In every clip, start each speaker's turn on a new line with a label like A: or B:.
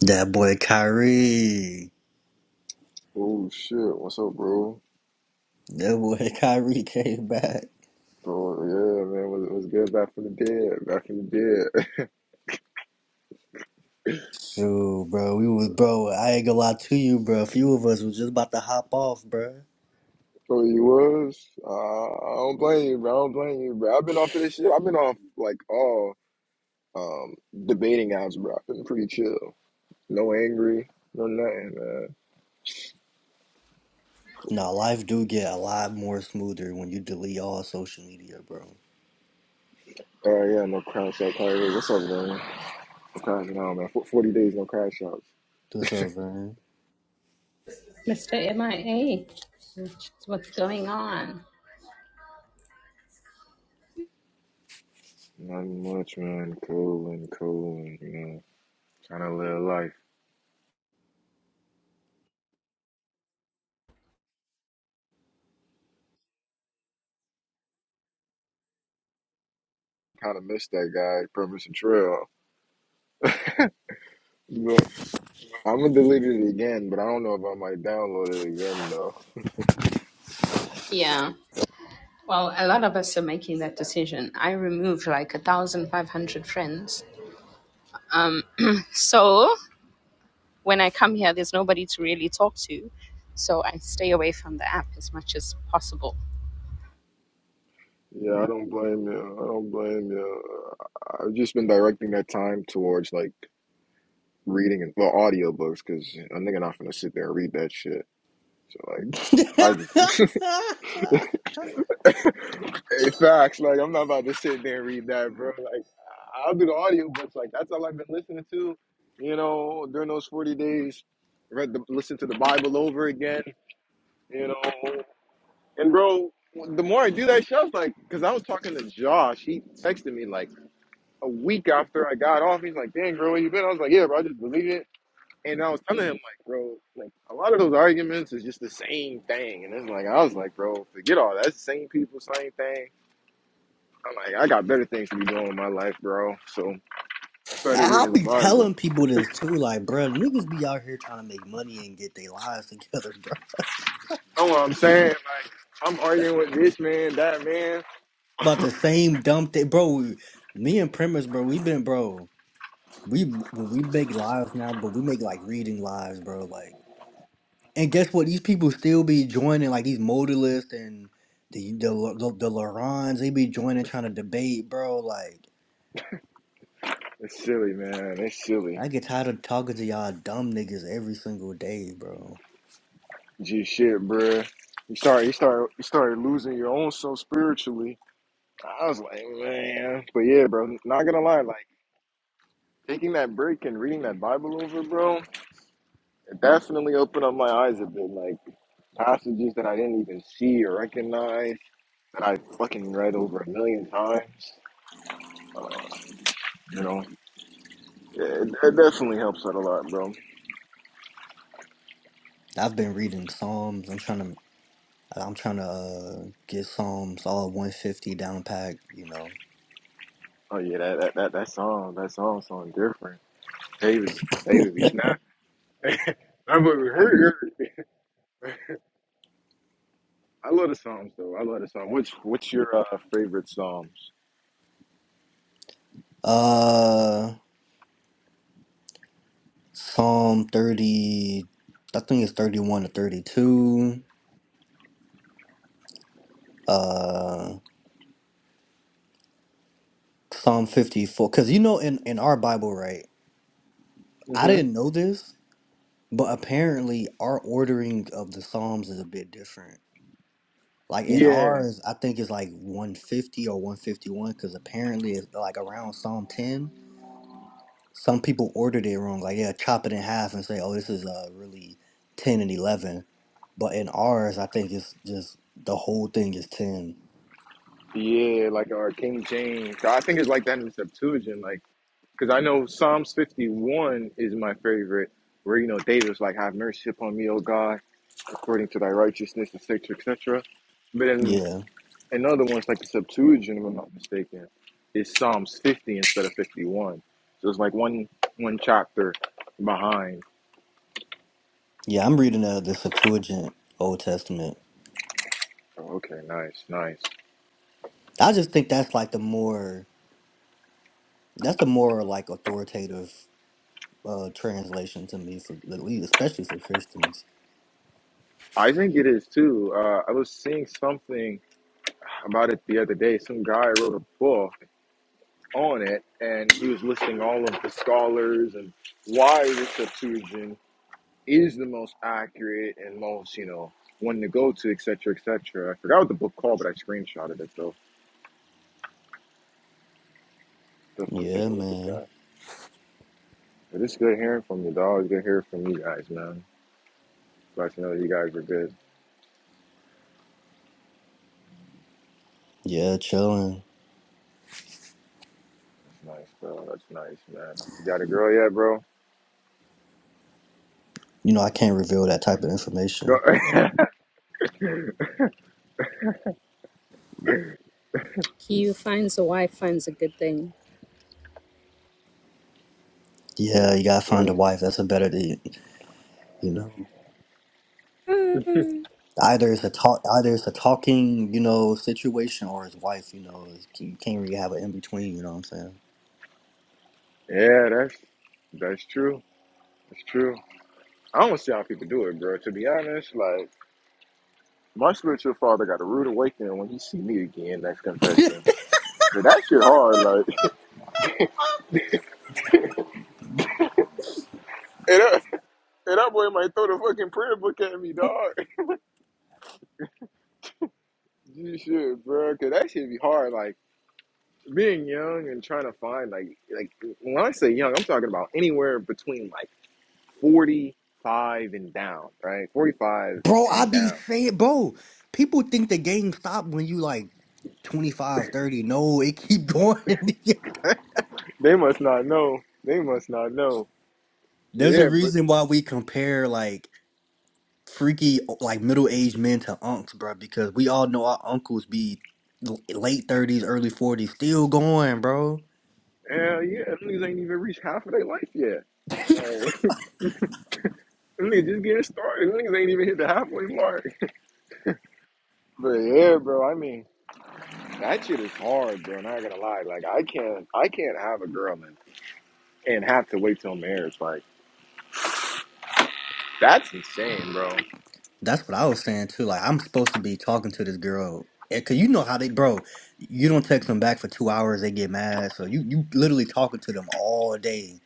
A: That boy Kyrie.
B: Oh shit, what's up, bro?
A: That boy Kyrie came back.
B: Bro, yeah, man, was was good back from the dead, back from the dead.
A: Shoot, bro. We was bro, I ain't gonna lie to you, bro. A few of us was just about to hop off, bro.
B: So you was? Uh, I don't blame you, bro. I don't blame you, bro. I've been off of this shit. I've been off like all um debating apps, bro. I've been pretty chill. No angry, no nothing, man.
A: Nah, life do get a lot more smoother when you delete all social media, bro.
B: Uh, yeah, no crash out. Kyrie. What's up, man? No crash out, man. Fo- Forty days, no crash outs.
A: What's up, man?
C: Mr. MIA, which what's going on.
B: Nothing much, man. Cool and cool, and you know, trying to live life. Kind of missed that guy, Permission Trail. but. I'm gonna delete it again, but I don't know if I might download it again though.
C: Yeah. Well, a lot of us are making that decision. I removed like a thousand five hundred friends. So when I come here, there's nobody to really talk to. So I stay away from the app as much as possible.
B: Yeah, I don't blame you. I don't blame you. I- I've just been directing that time towards like reading and well, audiobooks because a nigga not gonna sit there and read that shit. So like, I just hey, facts. Like, I'm not about to sit there and read that, bro. Like, I'll do the audiobooks. Like, that's all I've been listening to. You know, during those 40 days, read the listen to the Bible over again. You know, And bro, the more I do that shit, I was like, because I was talking to Josh. He texted me like a week after I got off. He's like, "Dang, bro, where you been?" I was like, "Yeah, bro, I just deleted it." And I was telling him like, "Bro, like a lot of those arguments is just the same thing." And it's like I was like, "Bro, forget all that. It's the same people, same thing." I'm like, I got better things to be doing in my life, bro. So I started reading
A: I'll
B: the
A: be
B: Bible.
A: telling people this too, like, bro, niggas be out here trying to make money and get their lives together, bro.
B: You know what I'm saying? Like, I'm arguing with this man, that man.
A: About the same dumb thing, bro. We, Me and Premise, bro, we been, bro. We when we make lives now, but we make like reading lives, bro. Like, and guess what? These people still be joining like these modalists and the the the, the Lorons. They be joining trying to debate, bro. Like,
B: It's silly, man. It's silly.
A: I get tired of talking to y'all dumb niggas every single day, bro.
B: G shit, bruh. You start you start you started losing your own self spiritually. I was like, man. But yeah, bro, not gonna lie, like taking that break and reading that Bible over, bro, it definitely opened up my eyes a bit. Like passages that I didn't even see or recognize that I fucking read over a million times. Uh, you know, yeah, it, it definitely helps out a lot, bro.
A: I've been reading Psalms. I'm trying to I'm trying to uh, get Psalms all 150 down pack. You know,
B: Oh yeah, that that that, that song, that song, sound different. David, David be snapping. That boy be hurt. I love the Psalms though. I love the Psalms. What's what's your uh, favorite Psalms?
A: uh, Psalm 30. I think it's 31 to 32. Uh, Psalm 54. Because you know, in, in our Bible, right? I
B: hmm
A: didn't know this, but apparently our ordering of the Psalms is a bit different. Like in
B: Yeah,
A: ours, I think it's like 150 or 151, because apparently it's like around Psalm 10. Some people ordered it wrong. Like, yeah, chop it in half and say, oh, this is uh, really 10 and 11. But in ours, I think it's just the whole thing is 10.
B: yeah, like our King James. I think it's like that in the Septuagint, like because I know Psalms fifty one is my favorite, where you know David's like, "Have mercy upon me, O God, according to Thy righteousness, etc., etc." But then
A: Yeah.
B: another one's like the Septuagint, if I'm not mistaken, is Psalms fifty instead of fifty one. So it's like one one chapter behind.
A: Yeah, I'm reading uh, the Septuagint Old Testament.
B: Oh, okay, nice, nice.
A: I just think that's like the more That's a more like authoritative uh translation to me for at least, especially for Christians.
B: I think it is too. Uh, I was seeing something about it the other day. Some guy wrote a book on it, and he was listing all of the scholars and why the Septuagint is the most accurate and most, you know, one to go to, etc., etc. I forgot what the book called, but I screenshotted it, so definitely take
A: Yeah,
B: a look at
A: man.
B: that. But it's good hearing from you, dog. It's good hearing from you guys, man. Glad to know you guys are good.
A: Yeah, chilling.
B: That's nice, bro. That's nice, man. You got a girl yet, bro?
A: You know, I can't reveal that type of information.
B: Go-
C: He who finds a wife finds a good thing.
A: Yeah,
B: yes.
A: you gotta find
B: sir.
A: a wife. That's a better thing, you know. Either it's a talk, either it's a talking, you know, situation, or his wife. You know, is- you can't really have an in between. You know what I'm
B: Yeah, that's that's true. That's true. I don't see how people do it, bro. To be honest, like my spiritual father got a rude awakening when he see me again. That's
A: saying?
B: confession. Cause that shit hard, like. And that, and that boy might throw the fucking prayer book at me, dog. You should, bro. Cause that shit be hard, like. Being young and trying to find like like when I say young, I'm talking about anywhere between like 45 and down, right? 45
A: bro, I
B: and
A: be
B: down.
A: saying, bro, people think the game stop when you like 25, 30. No, it keep going.
B: They must not know. They must not know. But
A: There's a
B: yeah, but
A: reason why we compare like freaky like middle aged men to unks, bro, because we all know our uncles be l- late thirties, early forties, still going, bro.
B: Hell yeah, them niggas ain't even reached half of their life yet. Like, them niggas just getting started. Them niggas ain't even hit the halfway mark. But yeah, bro, I mean, that shit is hard, bro. Not gonna lie, like I can't, I can't have a girl and and have to wait till marriage. Like, that's insane, bro.
A: That's what I was saying too. Like I'm supposed to be talking to this girl, and cause you know how they, bro. You don't text them back for two hours, they get mad. So you you literally talking to them all day,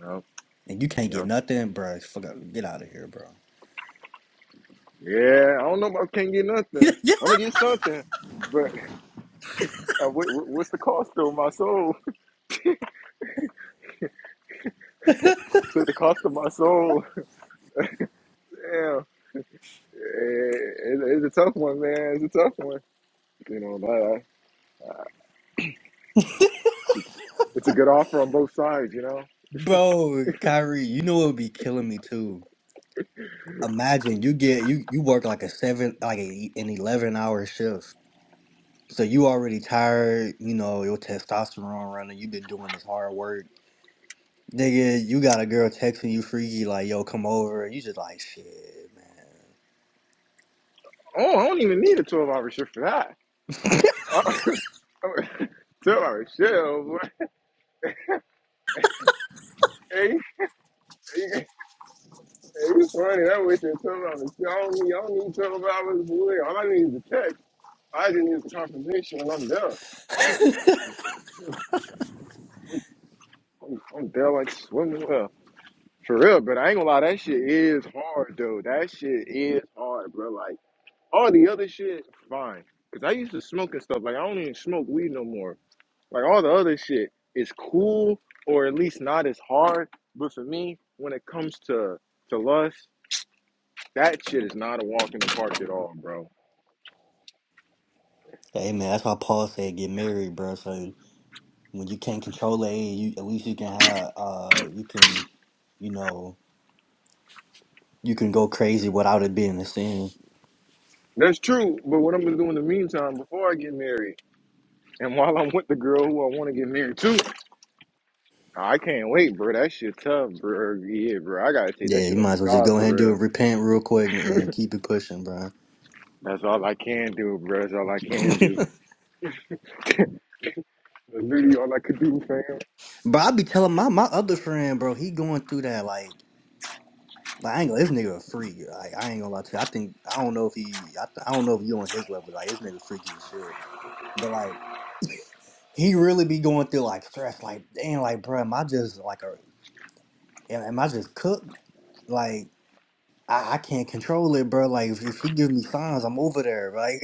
B: Yep,
A: and you can't get
B: yep.
A: nothing, bro. Fuck, out- get out of here, bro.
B: Yeah, I don't know if I can't get nothing. I'm gonna get something, but uh, what, what- what's the cost of my soul? to the cost of my soul. Damn, Eh, it, it's a tough one, man. It's a tough one. You know, but. uh, It's a good offer on both sides, you know.
A: bro, Kyrie, you know it would be killing me too. imagine you get you you work like a seven like a, an 11 hour shift so you already tired you know your testosterone running you have been doing this hard work nigga you got a girl texting you freaky like yo come over you just like shit man
B: Oh, I don't even need a twelve hour shift for that. twelve hour shift, boy. Hey, hey, hey, it's funny. That was your twelve hour shift. I don't need, I don't need twelve hours, boy. All I need is a text. I just need the confirmation, and I'm done. I'm, I'm done like swimming well. For real, but I ain't gonna lie. That shit is hard, though. That shit is hard, bro. Like all the other shit, fine. Cause I used to smoke and stuff. Like I don't even smoke weed no more. Like all the other shit is cool or at least not as hard. But for me, when it comes to to lust, that shit is not a walk in the park at all, bro.
A: hey man that's why paul said get married bro so when you can't control it you at least you can have uh you can you know you can go crazy without it being a sin
B: That's true, but what I'm gonna do in the meantime before I get married and while I'm with the girl who I wanna get married to, I can't wait, bro. That shit tough, bro. Yeah, bro. I gotta take that
A: yeah you
B: shit up
A: might as
B: with
A: well just
B: God
A: go
B: for
A: ahead and do
B: real.
A: it repent real quick and keep it pushing bro
B: That's all I can do, bro. That's all I can do. That's really all I could do, fam.
A: But I be telling my my other friend, bro, he going through that like, like I ain't gonna, this nigga a freak. Like I ain't gonna lie to you. I think I don't know if he, I, th- I don't know if you on his level. Like this nigga freaky as shit. But like, he really be going through like stress. Like damn, like bro, am I just like a, am, am I just cooked? Like I, I can't control it, bro. Like if, if she give me signs, I'm over there. Like,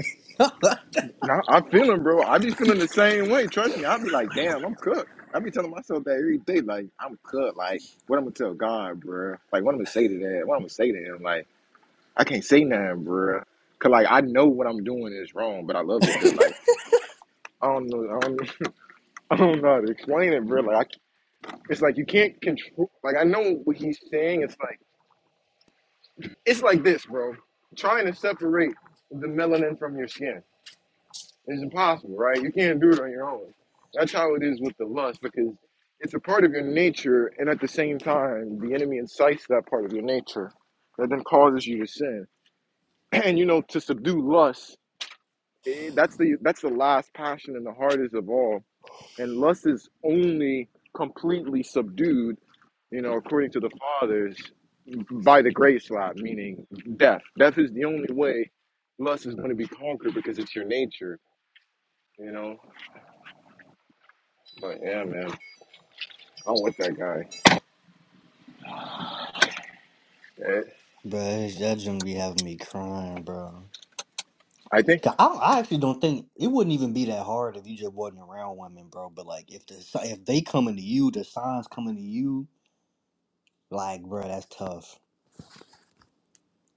B: Nah, I'm feeling, bro. I be feeling the same way. Trust me. I be like, damn, I'm cooked. I be telling myself that every day, like, I'm cooked. Like, what I'm gonna tell God, bro? Like, what I'm gonna say to that? What I'm gonna say to him? Like, I can't say nothing, bro. Cause like I know what I'm doing is wrong, but I love it though. Like, I don't know, I don't, I don't know how to explain it, bro. Like, I, it's like you can't control. Like, I know what he's saying. It's like, it's like this, bro. Trying to separate the melanin from your skin. It's impossible, right? You can't do it on your own. That's how it is with the lust because it's a part of your nature, and at the same time, the enemy incites that part of your nature that then causes you to sin. And you know, to subdue lust, eh, that's the that's the last passion and the hardest of all. And lust is only completely subdued, you know, according to the fathers, by the grace slap, meaning death. Death is the only way lust is going to be conquered because it's your nature, you know. But yeah, man. I'm with that guy. Eh,
A: bro, that shouldn't be having me crying, bro.
B: I think
A: 'Cause I, don't- I actually don't think it wouldn't even be that hard if you just wasn't around women, bro. But like, if the si- if they coming to you, the signs coming to you, like, bro, that's tough.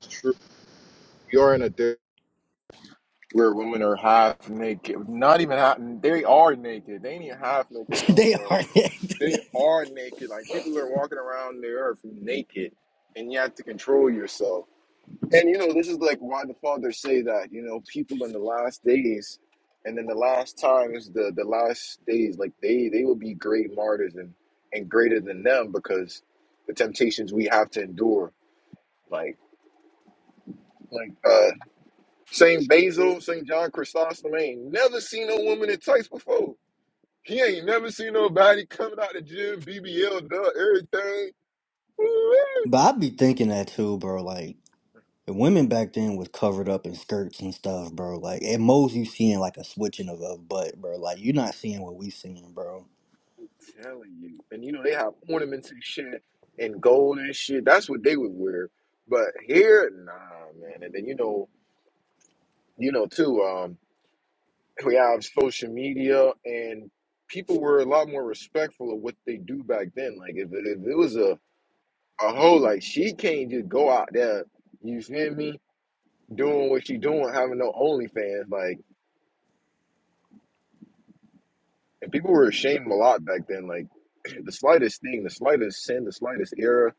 B: it's true. You're in a day where women are half naked. Not even half. They are naked. They ain't even half naked no
A: they
B: more.
A: are.
B: They are naked. Like people are walking around the earth naked, and you have to control yourself. And you know this is like why the fathers say that. You know people in the last days, and in the last times, the the last days, like they they will be great martyrs and and greater than them because the temptations we have to endure. Like like. uh. Saint Basil, Saint John Chrysostom ain't never seen no woman in tights before. He ain't never seen nobody coming out the gym, BBL, duh, everything. Woo-wee.
A: but I'd be thinking that too, bro. Like, the women back then was covered up in skirts and stuff, bro. Like, at most you seeing like a switching of a butt, bro. Like, you're not seeing what we seeing, bro.
B: Telling you, and you know they have ornaments and shit, and gold and shit. That's what they would wear. But here, nah, man. And then you know, you know too. Um, we have social media, and people were a lot more respectful of what they do back then. Like if, if it was a a hoe, like she can't just go out there. You feel me? doing what you doing, having no OnlyFans, like, and people were ashamed a lot back then. Like, the slightest thing, the slightest sin, the slightest error,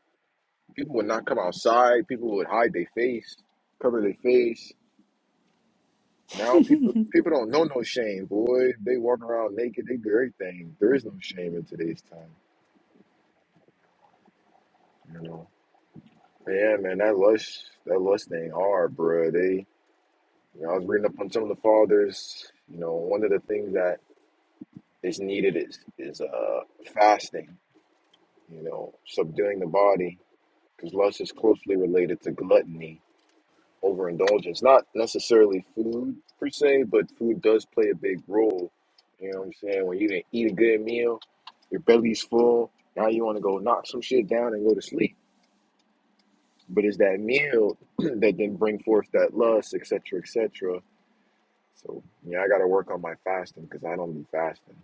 B: people would not come outside. People would hide their face, cover their face. Now people people don't know no shame, boy. They walk around naked. They do everything. There is no shame in today's time, you know. Yeah, man, that lust, that lust thing hard, bruh. They, you know, I was reading up on some of the fathers. You know, one of the things that is needed is is uh fasting you know, subduing the body, because lust is closely related to gluttony, overindulgence. Not necessarily food per se, but food does play a big role. You know what I'm saying? When you didn't eat a good meal, your belly's full. Now you want to go knock some shit down and go to sleep. But it's that meal that then bring forth that lust, etc., etc. So yeah, I gotta work on my fasting because I don't be fasting.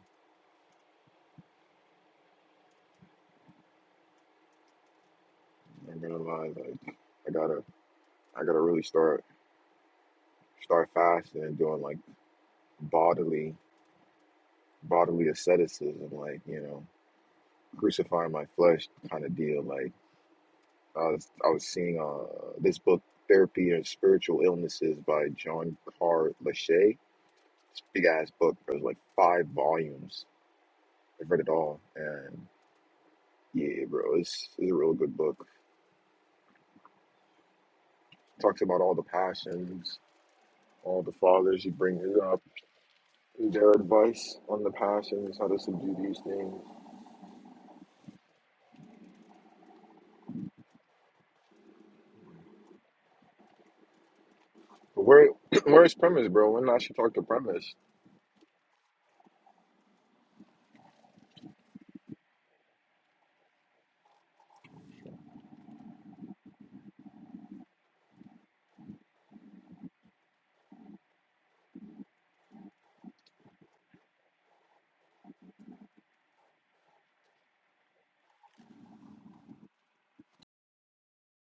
B: I'm not gonna lie, like I gotta, I gotta really start start fasting and doing like bodily bodily asceticism, like you know, crucifying my flesh kind of deal. Like I was, I was seeing uh, this book, Therapy and Spiritual Illnesses by John Carr Lachey. It's a big ass book. Bro. It was like five volumes. I've read it all, and yeah, bro, it's, it's a real good book. talks about all the passions, all the fathers. He brings it up, their advice on the passions, how to subdue these things. But where, where's premise, bro? When I should talk to premise?